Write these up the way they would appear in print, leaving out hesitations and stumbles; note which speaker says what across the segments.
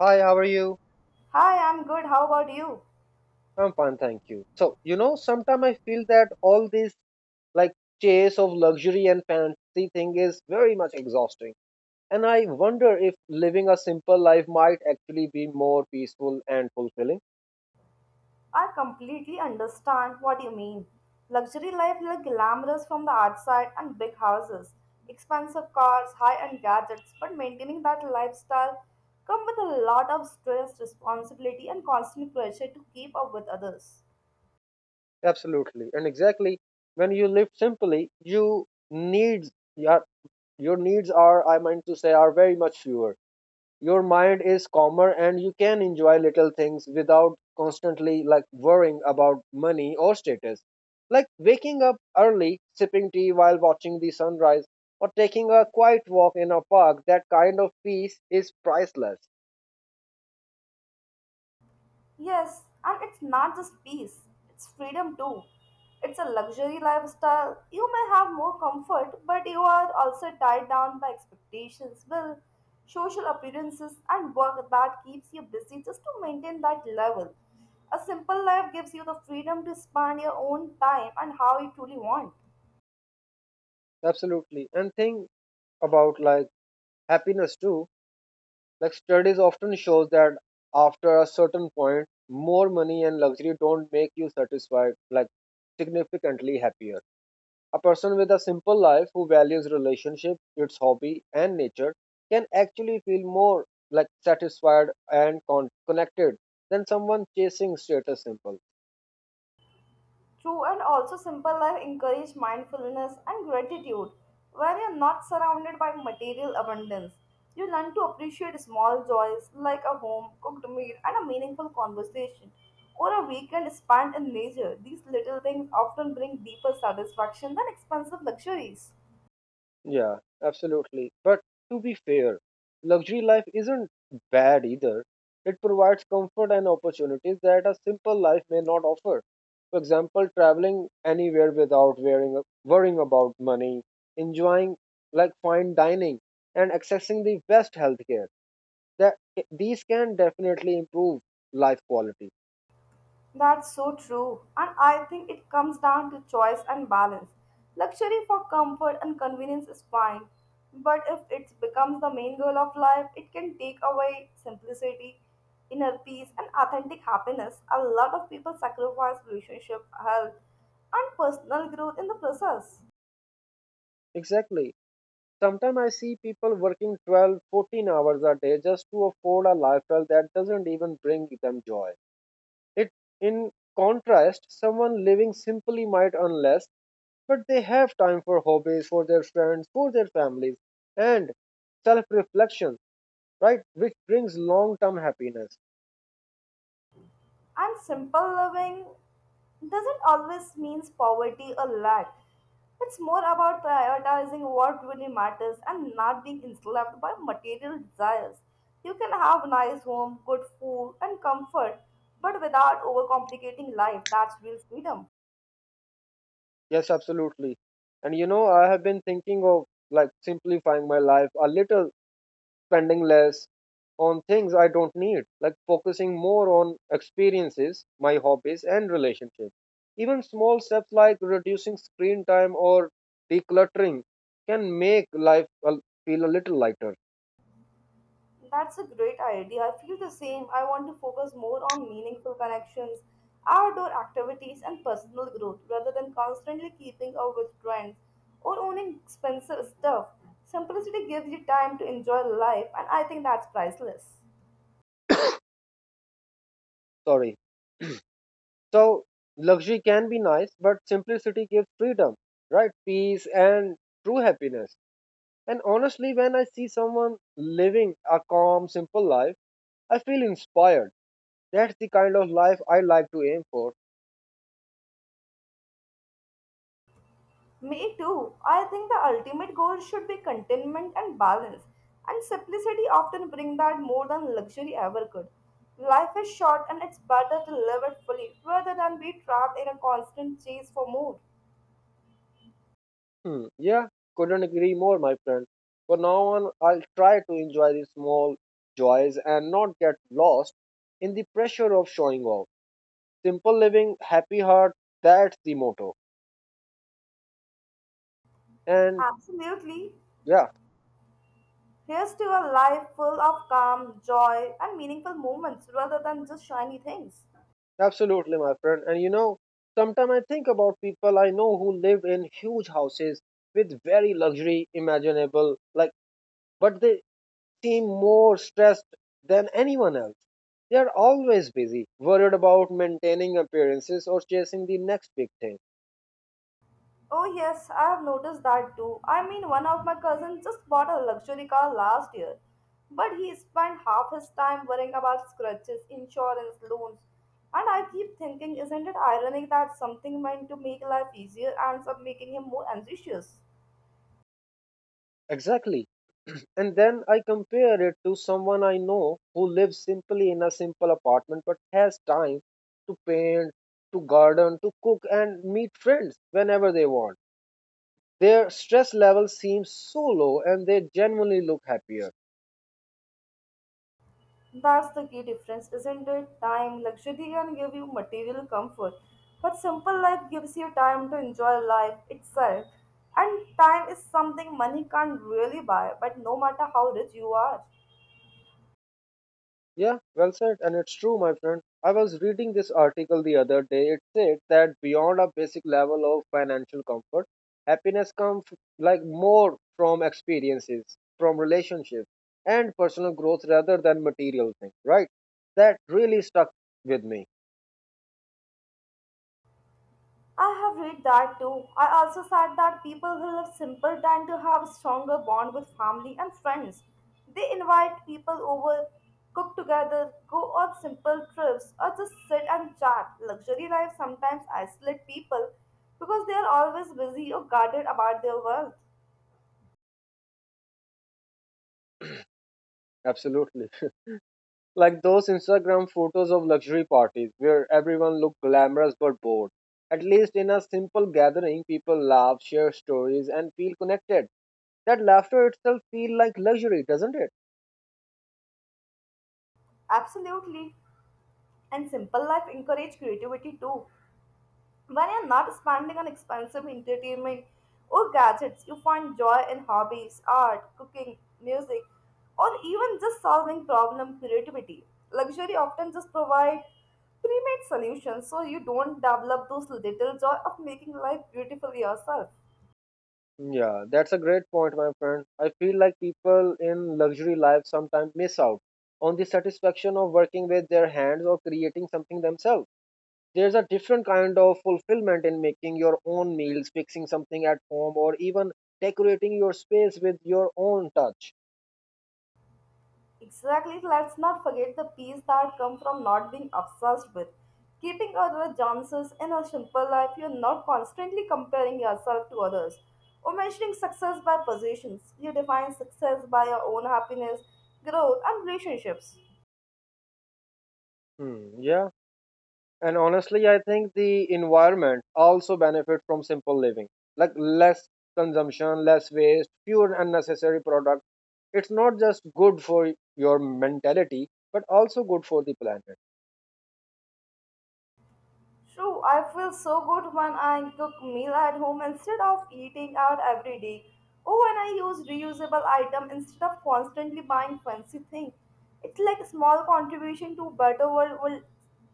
Speaker 1: Hi, how are you?
Speaker 2: Hi, I'm good. How about you?
Speaker 1: I'm fine, thank you. Sometimes I feel that all this like chase of luxury and fancy thing is very much exhausting. And I wonder if living a simple life might actually be more peaceful and fulfilling.
Speaker 2: I completely understand what you mean. Luxury life looks glamorous from the outside and big houses, expensive cars, high-end gadgets, but maintaining that lifestyle comes with a lot of stress, responsibility, and constant pressure to keep up with others.
Speaker 1: Absolutely. And exactly when you live simply, needs your your needs are, I meant to say, are very much fewer. Your mind is calmer and you can enjoy little things without constantly worrying about money or status, like waking up early, sipping tea while watching the sunrise, or taking a quiet walk in a park. That kind of peace is priceless.
Speaker 2: Yes, and it's not just peace, it's freedom too. It's a luxury lifestyle. You may have more comfort, but you are also tied down by expectations, will, social appearances, and work that keeps you busy just to maintain that level. A simple life gives you the freedom to spend your own time and how you truly want.
Speaker 1: Absolutely. And think about, happiness too. Like studies often shows that after a certain point more money and luxury don't make you satisfied, like significantly happier. A person with a simple life who values relationship, its hobby, and nature can actually feel more, like, satisfied and connected than someone chasing status symbol.
Speaker 2: True, and also simple life encourage mindfulness and gratitude. When you're not surrounded by material abundance, you learn to appreciate small joys like a home, cooked meal, and a meaningful conversation, or a weekend spent in nature. These little things often bring deeper satisfaction than expensive luxuries.
Speaker 1: Yeah, absolutely. But to be fair, luxury life isn't bad either. It provides comfort and opportunities that a simple life may not offer. For example, traveling anywhere without worrying about money, enjoying like fine dining, and accessing the best healthcare, that these can definitely improve life quality.
Speaker 2: That's so true. And I think it comes down to choice and balance. Luxury for comfort and convenience is fine. But if it becomes the main goal of life, it can take away simplicity, inner peace, and authentic happiness. A lot of people sacrifice relationship, health, and personal growth in the process.
Speaker 1: Exactly. Sometimes I see people working 12 14 hours a day just to afford a lifestyle that doesn't even bring them joy. It in contrast, someone living simply might earn less, but they have time for hobbies, for their friends, for their families, and self reflection, right, which brings long term happiness.
Speaker 2: And simple living doesn't always mean poverty or lack. It's more about prioritizing what really matters and not being enslaved by material desires. You can have nice home, good food, and comfort, but without overcomplicating life. That's real freedom.
Speaker 1: Yes, absolutely. And you know, I have been thinking of, like, simplifying my life a little, spending less on things I don't need, like focusing more on experiences, my hobbies, and relationships. Even small steps like reducing screen time or decluttering can make feel a little lighter.
Speaker 2: That's a great idea. I feel the same. I want to focus more on meaningful connections, outdoor activities, and personal growth rather than constantly keeping up with trends or owning expensive stuff. Simplicity gives you time to enjoy life, and I think that's priceless.
Speaker 1: Sorry. So, luxury can be nice, but simplicity gives freedom, right? Peace and true happiness. And honestly, when I see someone living a calm, simple life, I feel inspired. That's the kind of life I like to aim for.
Speaker 2: Me too. I think the ultimate goal should be contentment and balance, and simplicity often bring that more than luxury ever could. Life is short, and it's better to live it fully rather than be trapped in a constant chase for more.
Speaker 1: Hmm. Yeah, couldn't agree more, my friend. For now on, I'll try to enjoy the small joys and not get lost in the pressure of showing off. Simple living, happy heart, that's the motto. And
Speaker 2: Absolutely.
Speaker 1: yeah,
Speaker 2: Here's to a life full of calm, joy, and meaningful moments rather than just shiny things.
Speaker 1: absolutely, my friend. And you know, sometimes I think about people I know who live in huge houses with very luxury imaginable, like, but they seem more stressed than anyone else. They are always busy, worried about maintaining appearances or chasing the next big thing.
Speaker 2: Oh, yes, I have noticed that too. I mean, one of my cousins just bought a luxury car last year, but he spent half his time worrying about scratches, insurance, loans. And I keep thinking, isn't it ironic that something meant to make life easier ends up making him more anxious?
Speaker 1: Exactly. And then I compare it to someone I know who lives simply in a simple apartment but has time to paint, to garden, to cook, and meet friends whenever they want. Their stress level seems so low and they genuinely look happier.
Speaker 2: That's the key difference, isn't it? Time, luxury can give you material comfort, but simple life gives you time to enjoy life itself. And time is something money can't really buy, but no matter how rich you are.
Speaker 1: Yeah, well said. And it's true, my friend. I was reading this article the other day. It said that beyond a basic level of financial comfort, happiness comes, like, more from experiences, from relationships, and personal growth rather than material things, right? That really stuck with me.
Speaker 2: I have read that too. I also said that people who live simple tend to have a stronger bond with family and friends. They invite people over, cook together, go on simple trips, or just sit and chat. Luxury life sometimes isolates people because they are always busy or guarded about their wealth.
Speaker 1: Absolutely. Like those Instagram photos of luxury parties where everyone looked glamorous but bored. At least in a simple gathering, people laugh, share stories, and feel connected. That laughter itself feel like luxury, doesn't it?
Speaker 2: Absolutely. And simple life encourage creativity too. When you're not spending on expensive entertainment or gadgets, you find joy in hobbies, art, cooking, music, or even just solving problem creativity. Luxury often just provide pre-made solutions so you don't develop those little joy of making life beautiful yourself.
Speaker 1: Yeah, that's a great point, my friend. I feel like people in luxury life sometimes miss out on the satisfaction of working with their hands or creating something themselves. There's a different kind of fulfillment in making your own meals, fixing something at home, or even decorating your space with your own touch.
Speaker 2: Exactly, let's not forget the peace that come from not being obsessed with. Keeping other chances in a simple life, you're not constantly comparing yourself to others or measuring success by positions. You define success by your own happiness, growth, and relationships.
Speaker 1: Hmm, yeah. And honestly, I think the environment also benefits from simple living, like less consumption, less waste, fewer unnecessary products. It's not just good for your mentality but also good for the planet.
Speaker 2: True, I feel so good when I cook meal at home instead of eating out every day. Or when I use reusable item instead of constantly buying fancy things. It's like a small contribution to better world,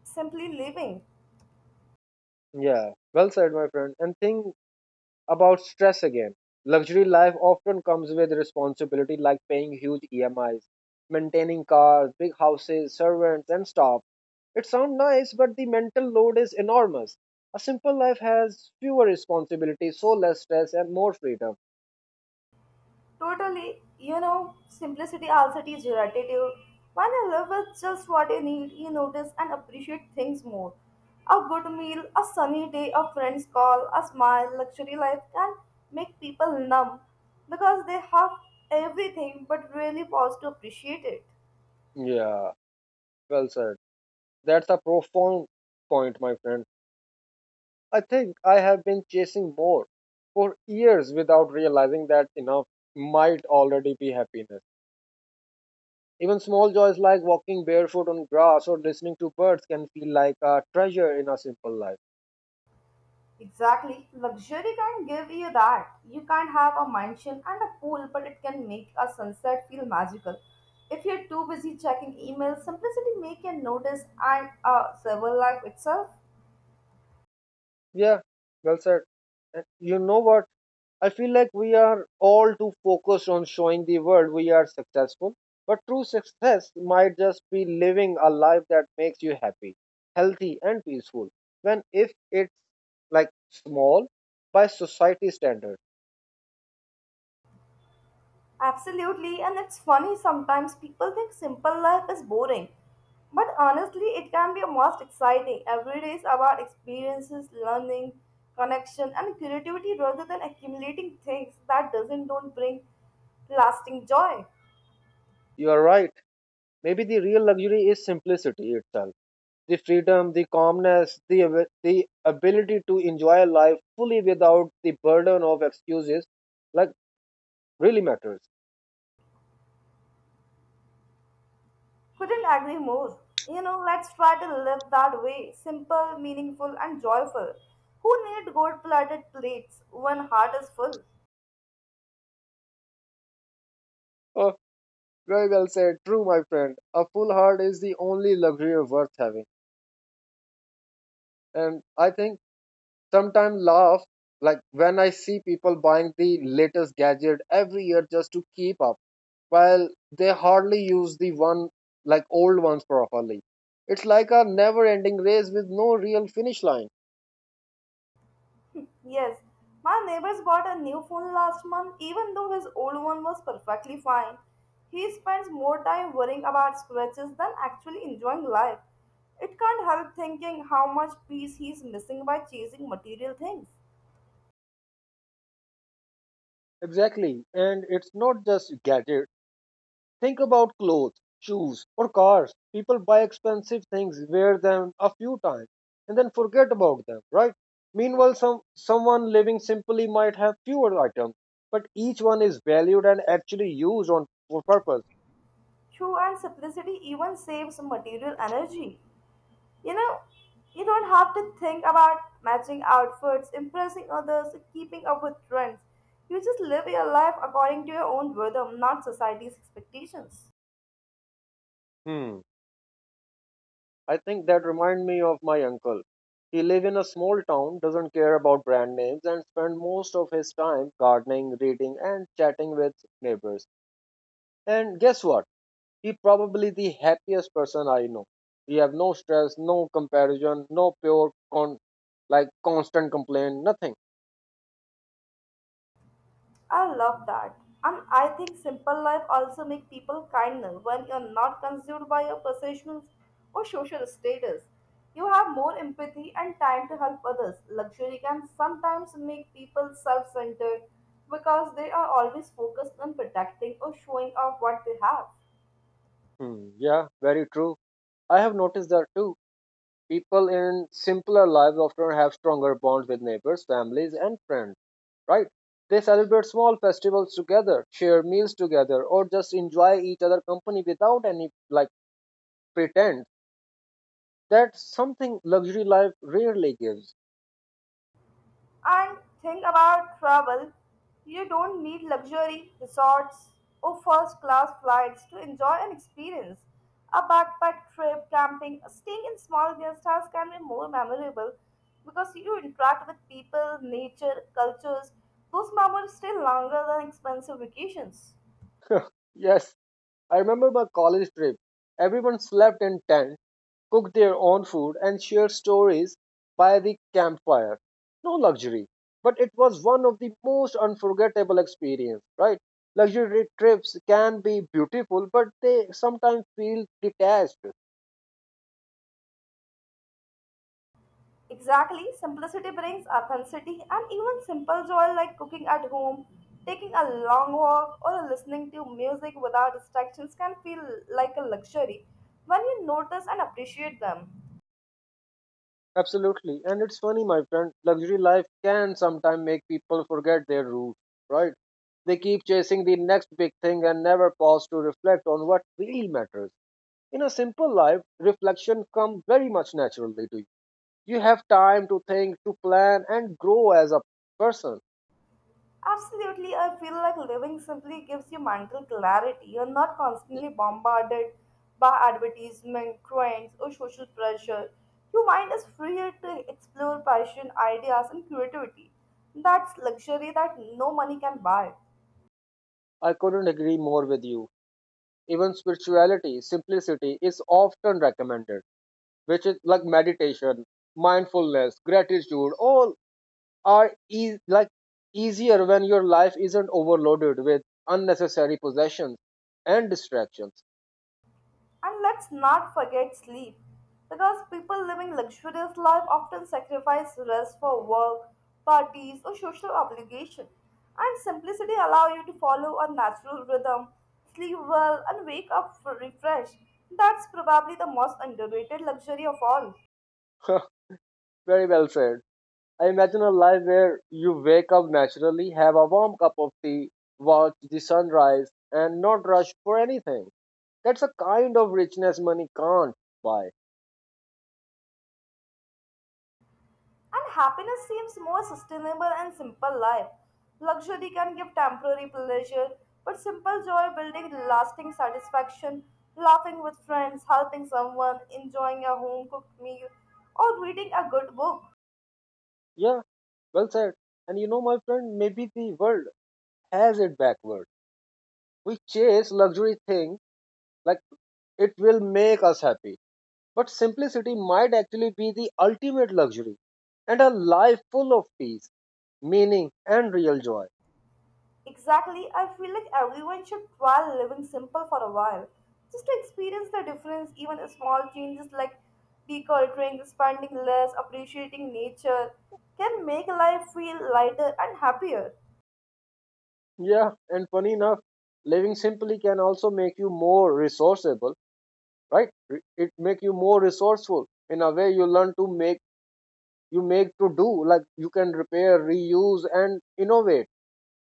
Speaker 2: simply living.
Speaker 1: Yeah, well said, my friend. And think about stress again. Luxury life often comes with responsibility, like paying huge emis, maintaining cars, big houses, servants, and staff. It sounds nice but the mental load is enormous. A simple life has fewer responsibilities, so less stress and more freedom.
Speaker 2: Totally, you know, simplicity also teaches gratitude. When you live with just what you need, you notice and appreciate things more. A good meal, a sunny day, a friend's call, a smile, luxury life can make people numb because they have everything but really pause to appreciate it.
Speaker 1: Yeah, well said. That's a profound point, my friend. I think I have been chasing more for years without realizing that enough might already be happiness. Even small joys like walking barefoot on grass or listening to birds can feel like a treasure in a simple life.
Speaker 2: Exactly. Luxury can give you that. You can have a mansion and a pool, but it can make a sunset feel magical. If you're too busy checking emails, simplicity make you notice and civil life itself.
Speaker 1: Yeah, well said. And you know what? I feel like we are all too focused on showing the world we are successful, but true success might just be living a life that makes you happy, healthy, and peaceful. When if it's, like, small by society standard.
Speaker 2: Absolutely, and it's funny sometimes people think simple life is boring. But honestly, it can be most exciting. Every day is about experiences, learning, connection, and creativity rather than accumulating things that doesn't don't bring lasting joy.
Speaker 1: You are right. Maybe the real luxury is simplicity itself. The freedom, the calmness, the ability to enjoy life fully without the burden of excuses, like really matters.
Speaker 2: Couldn't agree more. You know, let's try to live that way simple, meaningful, and joyful. Who need gold plated plates when heart is full?
Speaker 1: Uh, Very well said. True, my friend. A full heart is the only luxury worth having. And I think sometimes laugh like when I see people buying the latest gadget every year just to keep up, while they hardly use the one like old ones properly. It's like a never ending race with no real finish line.
Speaker 2: Yes, my neighbor's bought a new phone last month, even though his old one was perfectly fine. He spends more time worrying about scratches than actually enjoying life. It can't help thinking how much peace he's missing by chasing material things.
Speaker 1: Exactly. And it's not just gadgets. Think about clothes, shoes, or cars. People buy expensive things, wear them a few times, and then forget about them, right? Meanwhile, someone living simply might have fewer items, but each one is valued and actually used on for purpose.
Speaker 2: True and simplicity even saves material energy. You know, you don't have to think about matching outfits, impressing others, or keeping up with trends. You just live your life according to your own rhythm, not society's expectations.
Speaker 1: Hmm. I think that remind me of my uncle. He live in a small town, doesn't care about brand names, and spend most of his time gardening, reading, and chatting with neighbors. And guess what? He probably the happiest person I know. He have no stress, no comparison, no pure con like constant complaint, nothing.
Speaker 2: I love that. And I think simple life also make people kinder when you're not consumed by your possessions or social status. You have more empathy and time to help others. Luxury can sometimes make people self-centered because they are always focused on protecting or showing off what they have.
Speaker 1: Hmm, yeah, very true. I have noticed that too. People in simpler lives often have stronger bonds with neighbors, families, and friends, right? They celebrate small festivals together, share meals together, or just enjoy each other company without any like pretend. That's something luxury life rarely gives.
Speaker 2: And think about travel. You don't need luxury resorts or first class flights to enjoy an experience. A backpack trip, camping, staying in small guest houses can be more memorable because you interact with people, nature, cultures. Those memories stay longer than expensive vacations.
Speaker 1: Yes, I remember my college trip. Everyone slept in tents, cooked their own food, and shared stories by the campfire. No luxury, but it was one of the most unforgettable experience, right? Luxury trips can be beautiful, but they sometimes feel detached.
Speaker 2: Exactly, simplicity brings authenticity, and even simple joy like cooking at home, taking a long walk, or listening to music without distractions can feel like a luxury when you notice and appreciate them.
Speaker 1: Absolutely. And it's funny, my friend, luxury life can sometimes make people forget their roots, right? They keep chasing the next big thing and never pause to reflect on what really matters. In a simple life, reflection comes very much naturally to you. You have time to think, to plan, and grow as a person.
Speaker 2: Absolutely, I feel like living simply gives you mental clarity. You're not constantly bombarded by advertisement, trends, or social pressure. Your mind is freer to explore passion, ideas, and creativity. That's luxury that no money can buy.
Speaker 1: I couldn't agree more with you. Even spirituality, simplicity is often recommended, which is like meditation, mindfulness, gratitude, all are like easier when your life isn't overloaded with unnecessary possessions and distractions.
Speaker 2: And let's not forget sleep, because people living luxurious life often sacrifice rest for work, parties, or social obligation. And simplicity allow you to follow a natural rhythm, sleep well, and wake up refreshed. That's probably the most underrated luxury of all.
Speaker 1: Very well said. I imagine a life where you wake up naturally, have a warm cup of tea, watch the sunrise, and not rush for anything. That's a kind of richness money can't buy.
Speaker 2: And happiness seems more sustainable and simple life. Luxury can give temporary pleasure, but simple joy building lasting satisfaction, laughing with friends, helping someone, enjoying a home cooked meal, or reading a good book.
Speaker 1: Yeah, well said. And you know, my friend, maybe the world has it backward. We chase luxury things like it will make us happy. But simplicity might actually be the ultimate luxury and a life full of peace, meaning, and real joy.
Speaker 2: Exactly, I feel like everyone should try living simple for a while. Just to experience the difference, even small changes like decluttering, spending less, appreciating nature, can make life feel lighter and happier.
Speaker 1: Yeah, and funny enough, living simply can also make you more resourceable, right? It make you more resourceful in a way you learn to make you make to do like you can repair, reuse, and innovate.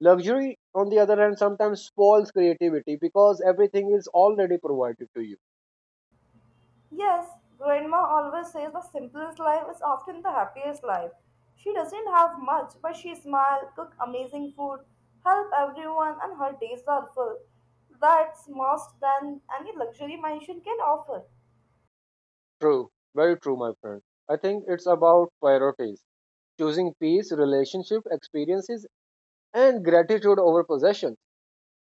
Speaker 1: Luxury, on the other hand, sometimes spoils creativity because everything is already provided to you.
Speaker 2: Yes, grandma always says the simplest life is often the happiest life. She doesn't have much, but she smiles, cook amazing food, help everyone, and her days are full. That's more than any luxury mansion can offer.
Speaker 1: True, very true, my friend. I think it's about priorities, choosing peace, relationship, experiences, and gratitude over possession,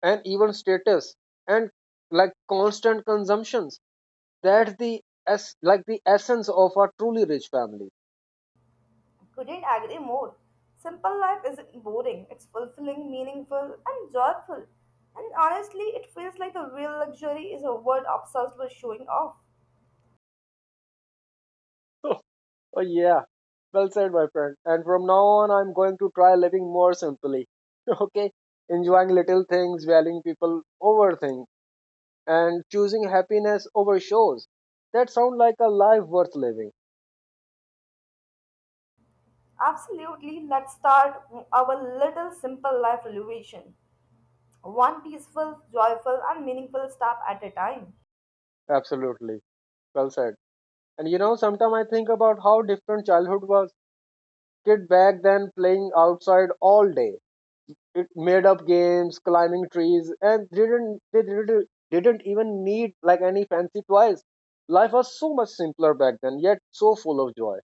Speaker 1: and even status, and like constant consumptions. That's the, as like, the essence of a truly rich family.
Speaker 2: Couldn't agree more. Simple life isn't boring, it's fulfilling, meaningful, and joyful. And honestly, it feels like the real luxury is a word obsessed with showing off.
Speaker 1: Oh, oh, yeah. Well said, my friend. And from now on, I'm going to try living more simply. Okay? Enjoying little things, valuing people over things, and choosing happiness over shows. That sounds like a life worth living.
Speaker 2: Absolutely, let's start our little simple life renovation. One peaceful, joyful, and meaningful step at a time.
Speaker 1: Absolutely. Well said. And you know, sometimes I think about how different childhood was. Kid back then playing outside all day, it made up games, climbing trees, and didn't they didn't even need like any fancy toys. Life was so much simpler back then, yet so full of joy.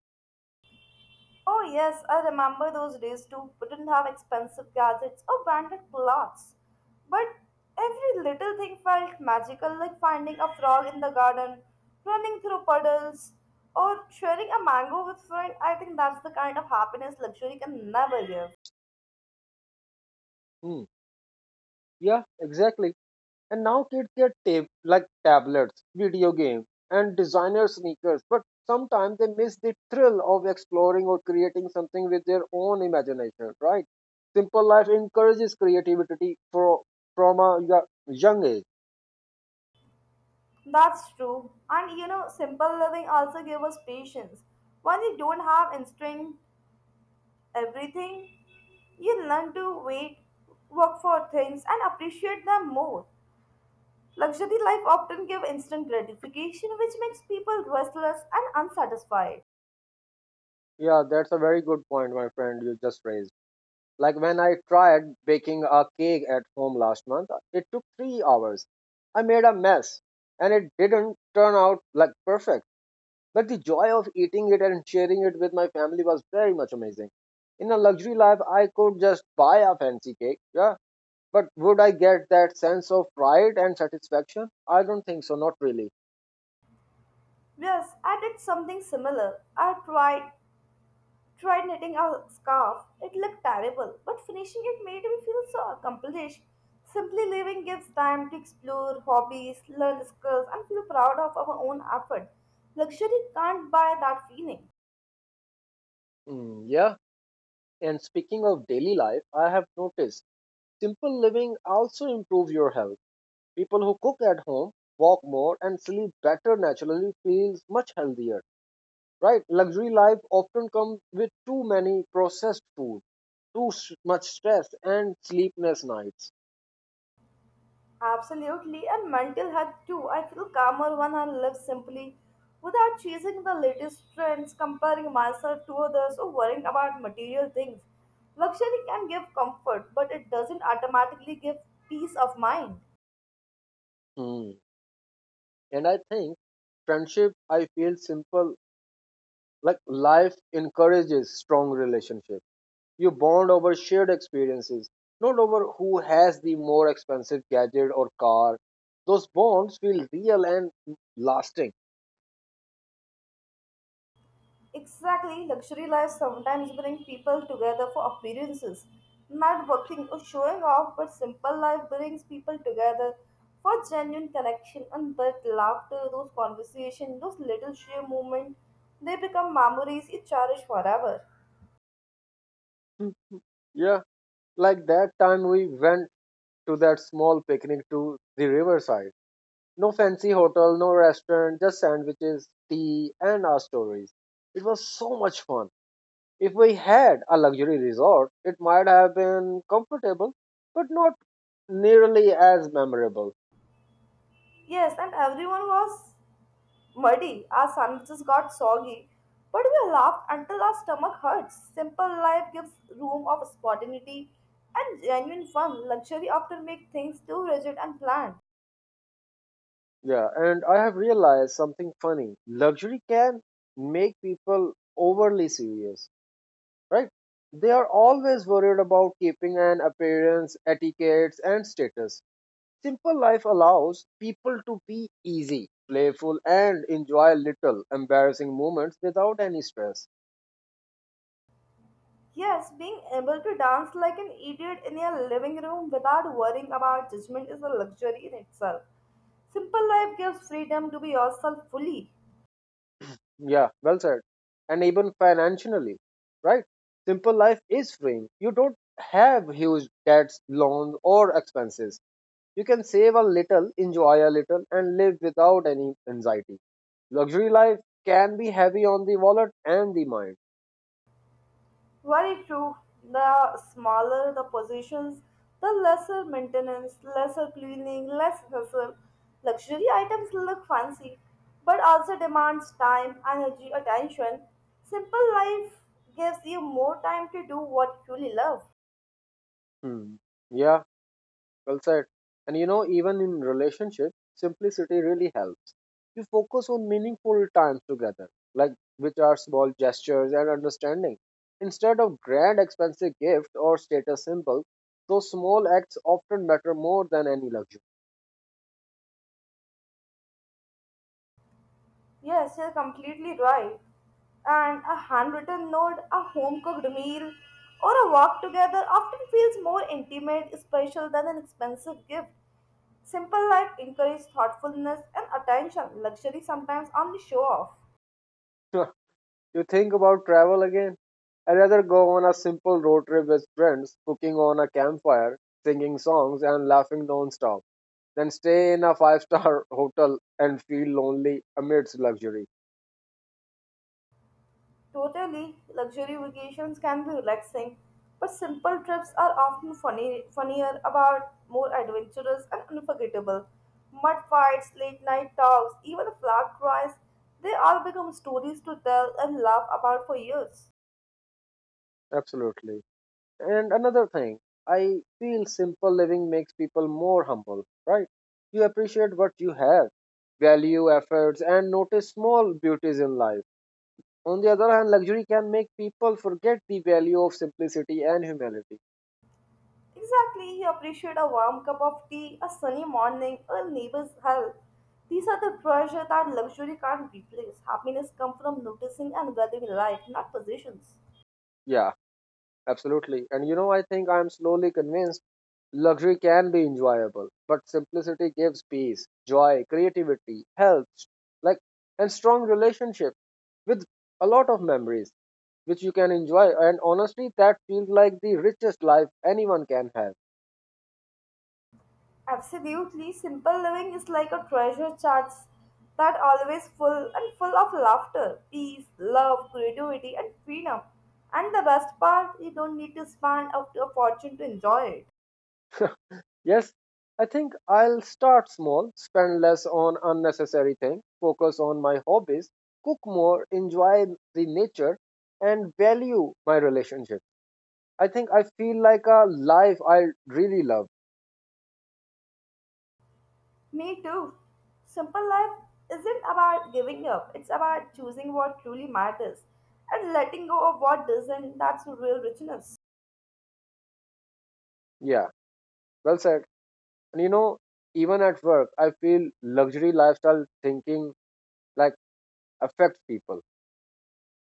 Speaker 2: Oh, yes, I remember those days too. Wouldn't have expensive gadgets or branded clothes. But every little thing felt magical, like finding a frog in the garden, running through puddles, or sharing a mango with friend. I think that's the kind of happiness luxury can never give.
Speaker 1: Hmm. Yeah, exactly. And now kids get like tablets, video games, and designer sneakers, but sometimes they miss the thrill of exploring or creating something with their own imagination. Right? Simple life encourages creativity for from a yo- young age.
Speaker 2: That's true. And you know, simple living also gives us patience. When you don't have instinct everything, you learn to wait, work for things, and appreciate them more. Luxury life often gives instant gratification, which makes people restless and unsatisfied.
Speaker 1: Yeah, that's a very good point, my friend. You just raised. Like when I tried baking a cake at home last month, it took 3 hours. I made a mess and it didn't turn out like perfect. But the joy of eating it and sharing it with my family was very much amazing. In a luxury life, I could just buy a fancy cake, yeah. But would I get that sense of pride and satisfaction? I don't think so, not really.
Speaker 2: Yes, I did something similar. I tried knitting a scarf. It looked terrible, but finishing it made me feel so accomplished. Simply living gives time to explore hobbies, learn skills, and feel proud of our own effort. Luxury can't buy that feeling.
Speaker 1: Mm, yeah. And speaking of daily life, I have noticed simple living also improves your health. People who cook at home, walk more, and sleep better naturally feels much healthier, right? Luxury life often comes with too many processed food, too much stress, and sleepless nights.
Speaker 2: Absolutely, and mental health too. I feel calmer when I live simply without chasing the latest trends, comparing myself to others, or worrying about material things. Luxury can give comfort, but it doesn't automatically give peace of mind.
Speaker 1: Hmm. And I think friendship, I feel simple. Like life encourages strong relationships. You bond over shared experiences, not over who has the more expensive gadget or car. Those bonds feel real and lasting.
Speaker 2: Exactly, luxury lives sometimes bring people together for appearances, not working or showing off, but simple life brings people together for genuine connection and that laughter, those conversations, those little sheer moments, they become memories you cherish forever.
Speaker 1: Hmm. Yeah. Like that time we went to that small picnic to the riverside. No fancy hotel, no restaurant, just sandwiches, tea, and our stories. It was so much fun. If we had a luxury resort, it might have been comfortable, but not nearly as memorable.
Speaker 2: Yes, and everyone was muddy. Our sandwiches got soggy, but we laughed until our stomach hurts. Simple life gives room of spontaneity and genuine fun. Luxury often makes things too rigid and planned.
Speaker 1: Yeah, and I have realized something funny. Luxury can make people overly serious, right? They are always worried about keeping an appearance, etiquettes, and status. Simple life allows people to be easy, playful, and enjoy little embarrassing moments without any stress.
Speaker 2: Yes, being able to dance like an idiot in your living room without worrying about judgment is a luxury in itself. Simple life gives freedom to be yourself fully.
Speaker 1: Yeah, well said. And even financially, right? Simple life is freeing. You don't have huge debts, loans, or expenses. You can save a little, enjoy a little, and live without any anxiety. Luxury life can be heavy on the wallet and the mind.
Speaker 2: Very true. The smaller the positions, the lesser maintenance, lesser cleaning, less hassle. Luxury items look fancy, but also demands time, energy, attention. Simple life gives you more time to do what you truly love.
Speaker 1: Hmm. Yeah, well said. And you know, even in relationships, simplicity really helps. You focus on meaningful times together, like which are small gestures and understanding. Instead of grand expensive gifts or status symbols, those small acts often matter more than any luxury.
Speaker 2: Yes, you're completely right. And a handwritten note, a home cooked meal, or a walk together often feels more intimate, special than an expensive gift. Simple life encourages thoughtfulness and attention. Luxury sometimes only show off.
Speaker 1: You think about travel again? I'd rather go on a simple road trip with friends, cooking on a campfire, singing songs, and laughing non-stop, than stay in a five-star hotel and feel lonely amidst luxury.
Speaker 2: Totally, luxury vacations can be relaxing, but simple trips are often funnier, about more adventurous and unforgettable. Mud fights, late night talks, even flag cries, they all become stories to tell and laugh about for years.
Speaker 1: Absolutely. And another thing, I feel simple living makes people more humble, right? You appreciate what you have, value efforts, and notice small beauties in life. On the other hand, luxury can make people forget the value of simplicity and humility.
Speaker 2: Exactly, you appreciate a warm cup of tea, a sunny morning, a neighbor's help. These are the treasure that luxury can't replace. Happiness comes from noticing and valuing life, not possessions.
Speaker 1: Yeah, absolutely. And you know, I think I'm slowly convinced luxury can be enjoyable, but simplicity gives peace, joy, creativity, health, like, and strong relationship with a lot of memories, which you can enjoy. And honestly, that feels like the richest life anyone can have.
Speaker 2: Absolutely, simple living is like a treasure chest that always full and full of laughter, peace, love, creativity, and freedom. And the best part, you don't need to spend up to a fortune to enjoy it.
Speaker 1: Yes, I think I'll start small, spend less on unnecessary things, focus on my hobbies, cook more, enjoy the nature, and value my relationship. I think I feel like a life I really love.
Speaker 2: Me too. Simple life isn't about giving up, it's about choosing what truly matters and letting go of what doesn't. That's real richness.
Speaker 1: Yeah, well said. And you know, even at work, I feel luxury lifestyle thinking like affects people.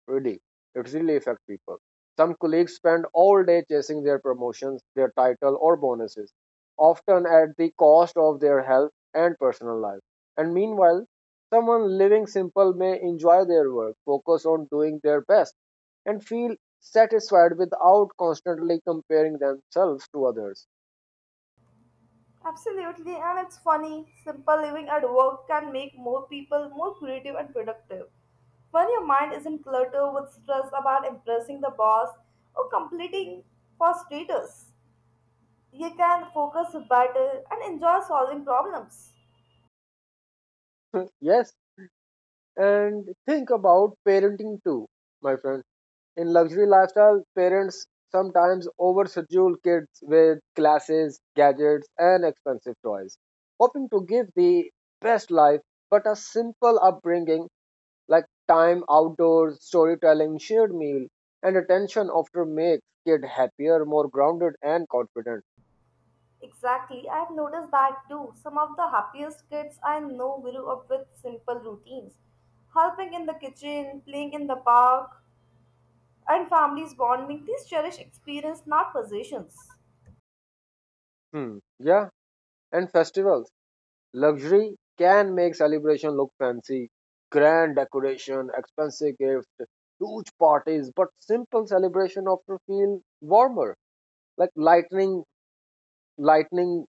Speaker 1: Really, it really affects people. Some colleagues spend all day chasing their promotions, their title, or bonuses, often at the cost of their health and personal life. And meanwhile, someone living simple may enjoy their work, focus on doing their best, and feel satisfied without constantly comparing themselves to others.
Speaker 2: Absolutely, and it's funny. Simple living at work can make more people more creative and productive. When your mind isn't cluttered with stress about impressing the boss or completing for status, you can focus better and enjoy solving problems.
Speaker 1: Yes, and think about parenting too, my friend. In luxury lifestyle, parents sometimes overschedule kids with classes, gadgets, and expensive toys, hoping to give the best life, but a simple upbringing like time outdoors, storytelling, shared meal, and attention often makes kid happier, more grounded, and confident.
Speaker 2: Exactly, I've noticed that too. Some of the happiest kids I know grew up with simple routines. Helping in the kitchen, playing in the park, and families bonding, these cherish experience, not possessions.
Speaker 1: Hmm. Yeah, and festivals. Luxury can make celebration look fancy, grand decoration, expensive gifts, huge parties, but simple celebration often feel warmer, like lightning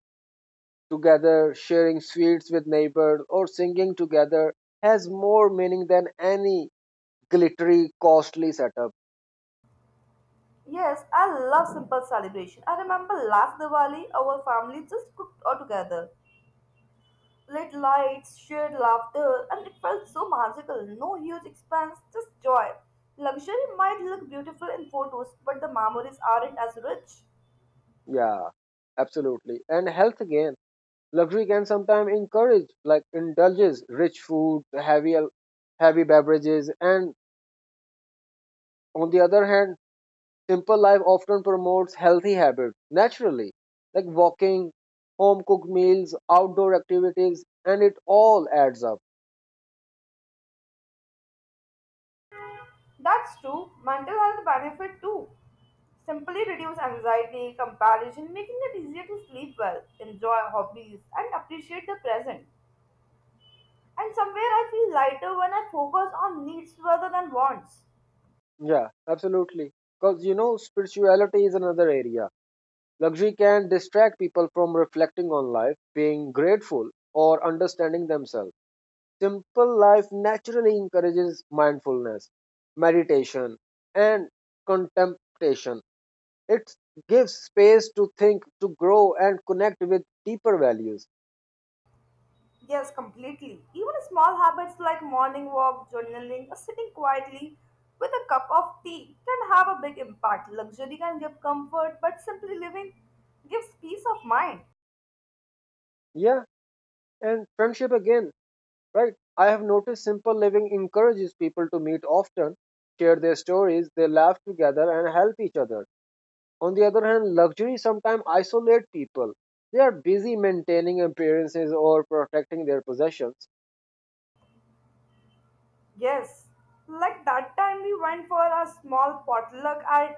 Speaker 1: together, sharing sweets with neighbors, or singing together has more meaning than any glittery, costly setup.
Speaker 2: Yes, I love simple celebration. I remember last Diwali, our family just cooked all together. Lit lights, shared laughter, and it felt so magical. No huge expense, just joy. Luxury might look beautiful in photos, but the memories aren't as rich.
Speaker 1: Yeah, absolutely. And health again. Luxury can sometimes encourage, like indulges rich food, heavy beverages, and on the other hand, simple life often promotes healthy habits naturally, like walking, home cooked meals, outdoor activities, and it all adds up.
Speaker 2: That's true. Mental health benefit too. Simply reduce anxiety, comparison, making it easier to sleep well, enjoy hobbies, and appreciate the present. And somewhere I feel lighter when I focus on needs rather than wants.
Speaker 1: Yeah, absolutely. Because you know, spirituality is another area. Luxury can distract people from reflecting on life, being grateful, or understanding themselves. Simple life naturally encourages mindfulness, meditation, and contemplation. It gives space to think, to grow, and connect with deeper values.
Speaker 2: Yes, completely. Even small habits like morning walk, journaling, or sitting quietly with a cup of tea can have a big impact. Luxury can give comfort, but simply living gives peace of mind.
Speaker 1: Yeah, and friendship again, right? I have noticed simple living encourages people to meet often, share their stories, they laugh together, and help each other. On the other hand, luxury sometimes isolates people. They are busy maintaining appearances or protecting their possessions.
Speaker 2: Yes, like that time we went for a small potluck at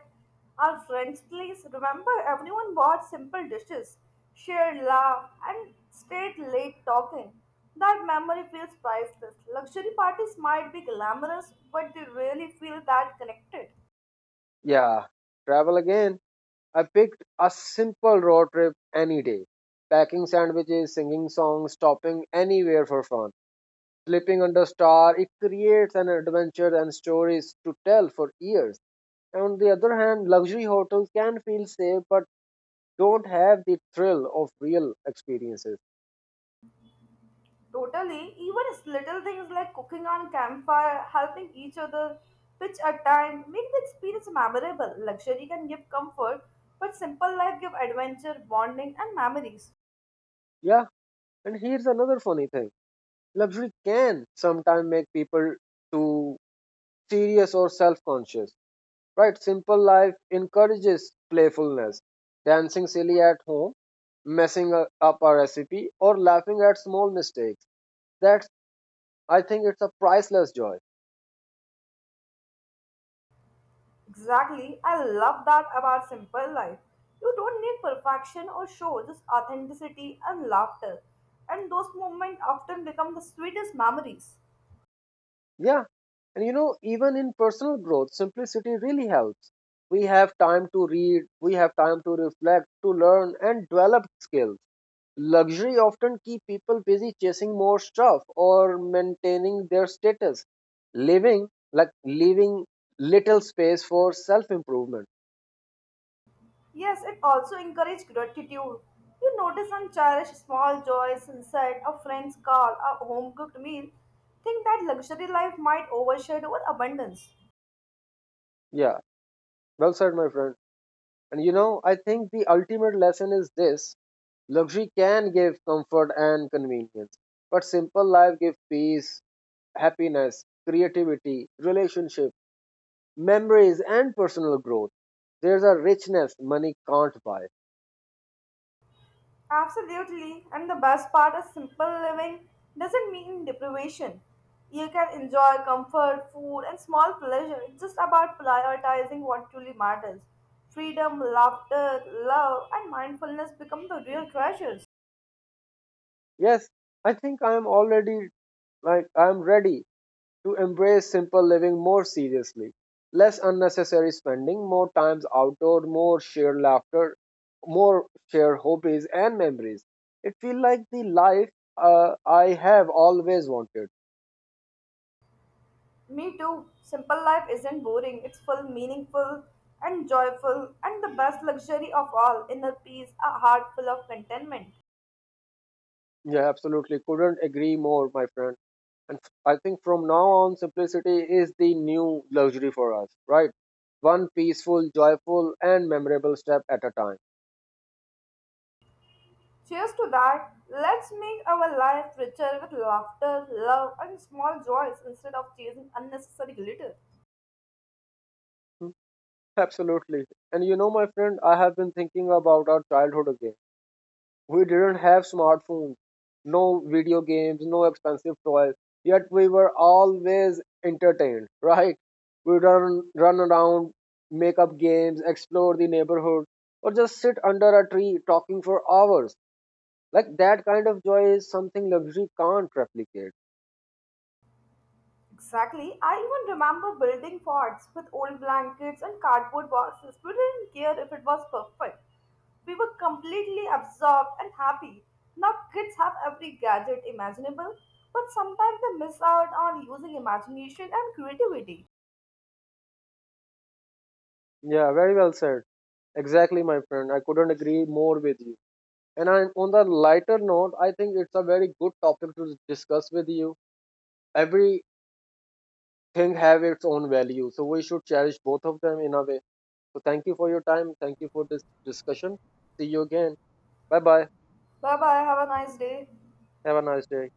Speaker 2: our friend's place. Remember, everyone bought simple dishes, shared laugh, and stayed late talking. That memory feels priceless. Luxury parties might be glamorous, but they really feel that connected.
Speaker 1: Yeah, travel again. I picked a simple road trip any day, packing sandwiches, singing songs, stopping anywhere for fun. Sleeping under a star, it creates an adventure and stories to tell for years. And on the other hand, luxury hotels can feel safe but don't have the thrill of real experiences.
Speaker 2: Totally, even little things like cooking on campfire, helping each other pitch a tent, make the experience memorable. Luxury can give comfort, but simple life give adventure, bonding, and memories.
Speaker 1: Yeah, and here's another funny thing. Luxury can sometimes make people too serious or self-conscious. Right? Simple life encourages playfulness. Dancing silly at home, messing up a recipe, or laughing at small mistakes. That's, I think it's a priceless joy.
Speaker 2: Exactly, I love that about simple life. You don't need perfection or show, just authenticity and laughter. And those moments often become the sweetest memories.
Speaker 1: Yeah, and you know, even in personal growth, simplicity really helps. We have time to read, we have time to reflect, to learn, and develop skills. Luxury often keep people busy chasing more stuff or maintaining their status, living like leaving little space for self-improvement.
Speaker 2: Yes, it also encourages gratitude. You notice and cherish small joys, sunset, a friend's call, a home cooked meal. Think that luxury life might overshadow with abundance.
Speaker 1: Yeah, well said, my friend. And you know, I think the ultimate lesson is this: luxury can give comfort and convenience, but simple life gives peace, happiness, creativity, relationship, memories, and personal growth. There's a richness money can't buy.
Speaker 2: Absolutely, and the best part is simple living doesn't mean deprivation. You can enjoy comfort, food, and small pleasure. It's just about prioritizing what truly matters. Freedom, laughter, love, and mindfulness become the real treasures.
Speaker 1: Yes, I think I am ready to embrace simple living more seriously. Less unnecessary spending, more times outdoor, more shared laughter, more shared hobbies and memories. It feels like the life I have always wanted.
Speaker 2: Me too. Simple life isn't boring. It's full, meaningful, and joyful, and the best luxury of all inner peace, a heart full of contentment.
Speaker 1: Yeah, absolutely. Couldn't agree more, my friend. And I think from now on, simplicity is the new luxury for us, right? One peaceful, joyful, and memorable step at a time.
Speaker 2: Cheers to that. Let's make our life richer with laughter, love, and small joys instead of chasing unnecessary glitter.
Speaker 1: Hmm, absolutely. And you know, my friend, I have been thinking about our childhood again. We didn't have smartphones, no video games, no expensive toys, yet we were always entertained, right? We run around, make up games, explore the neighborhood, or just sit under a tree talking for hours. Like that kind of joy is something luxury can't replicate.
Speaker 2: Exactly. I even remember building forts with old blankets and cardboard boxes. We didn't care if it was perfect. We were completely absorbed and happy. Now kids have every gadget imaginable, but sometimes they miss out on using imagination and creativity.
Speaker 1: Yeah, very well said. Exactly, my friend. I couldn't agree more with you. And I, on the lighter note, I think it's a very good topic to discuss with you. Everything have its own value, so we should cherish both of them in a way. So thank you for your time. Thank you for this discussion. See you again. Bye bye.
Speaker 2: Bye bye. Have a nice day.
Speaker 1: Have a nice day.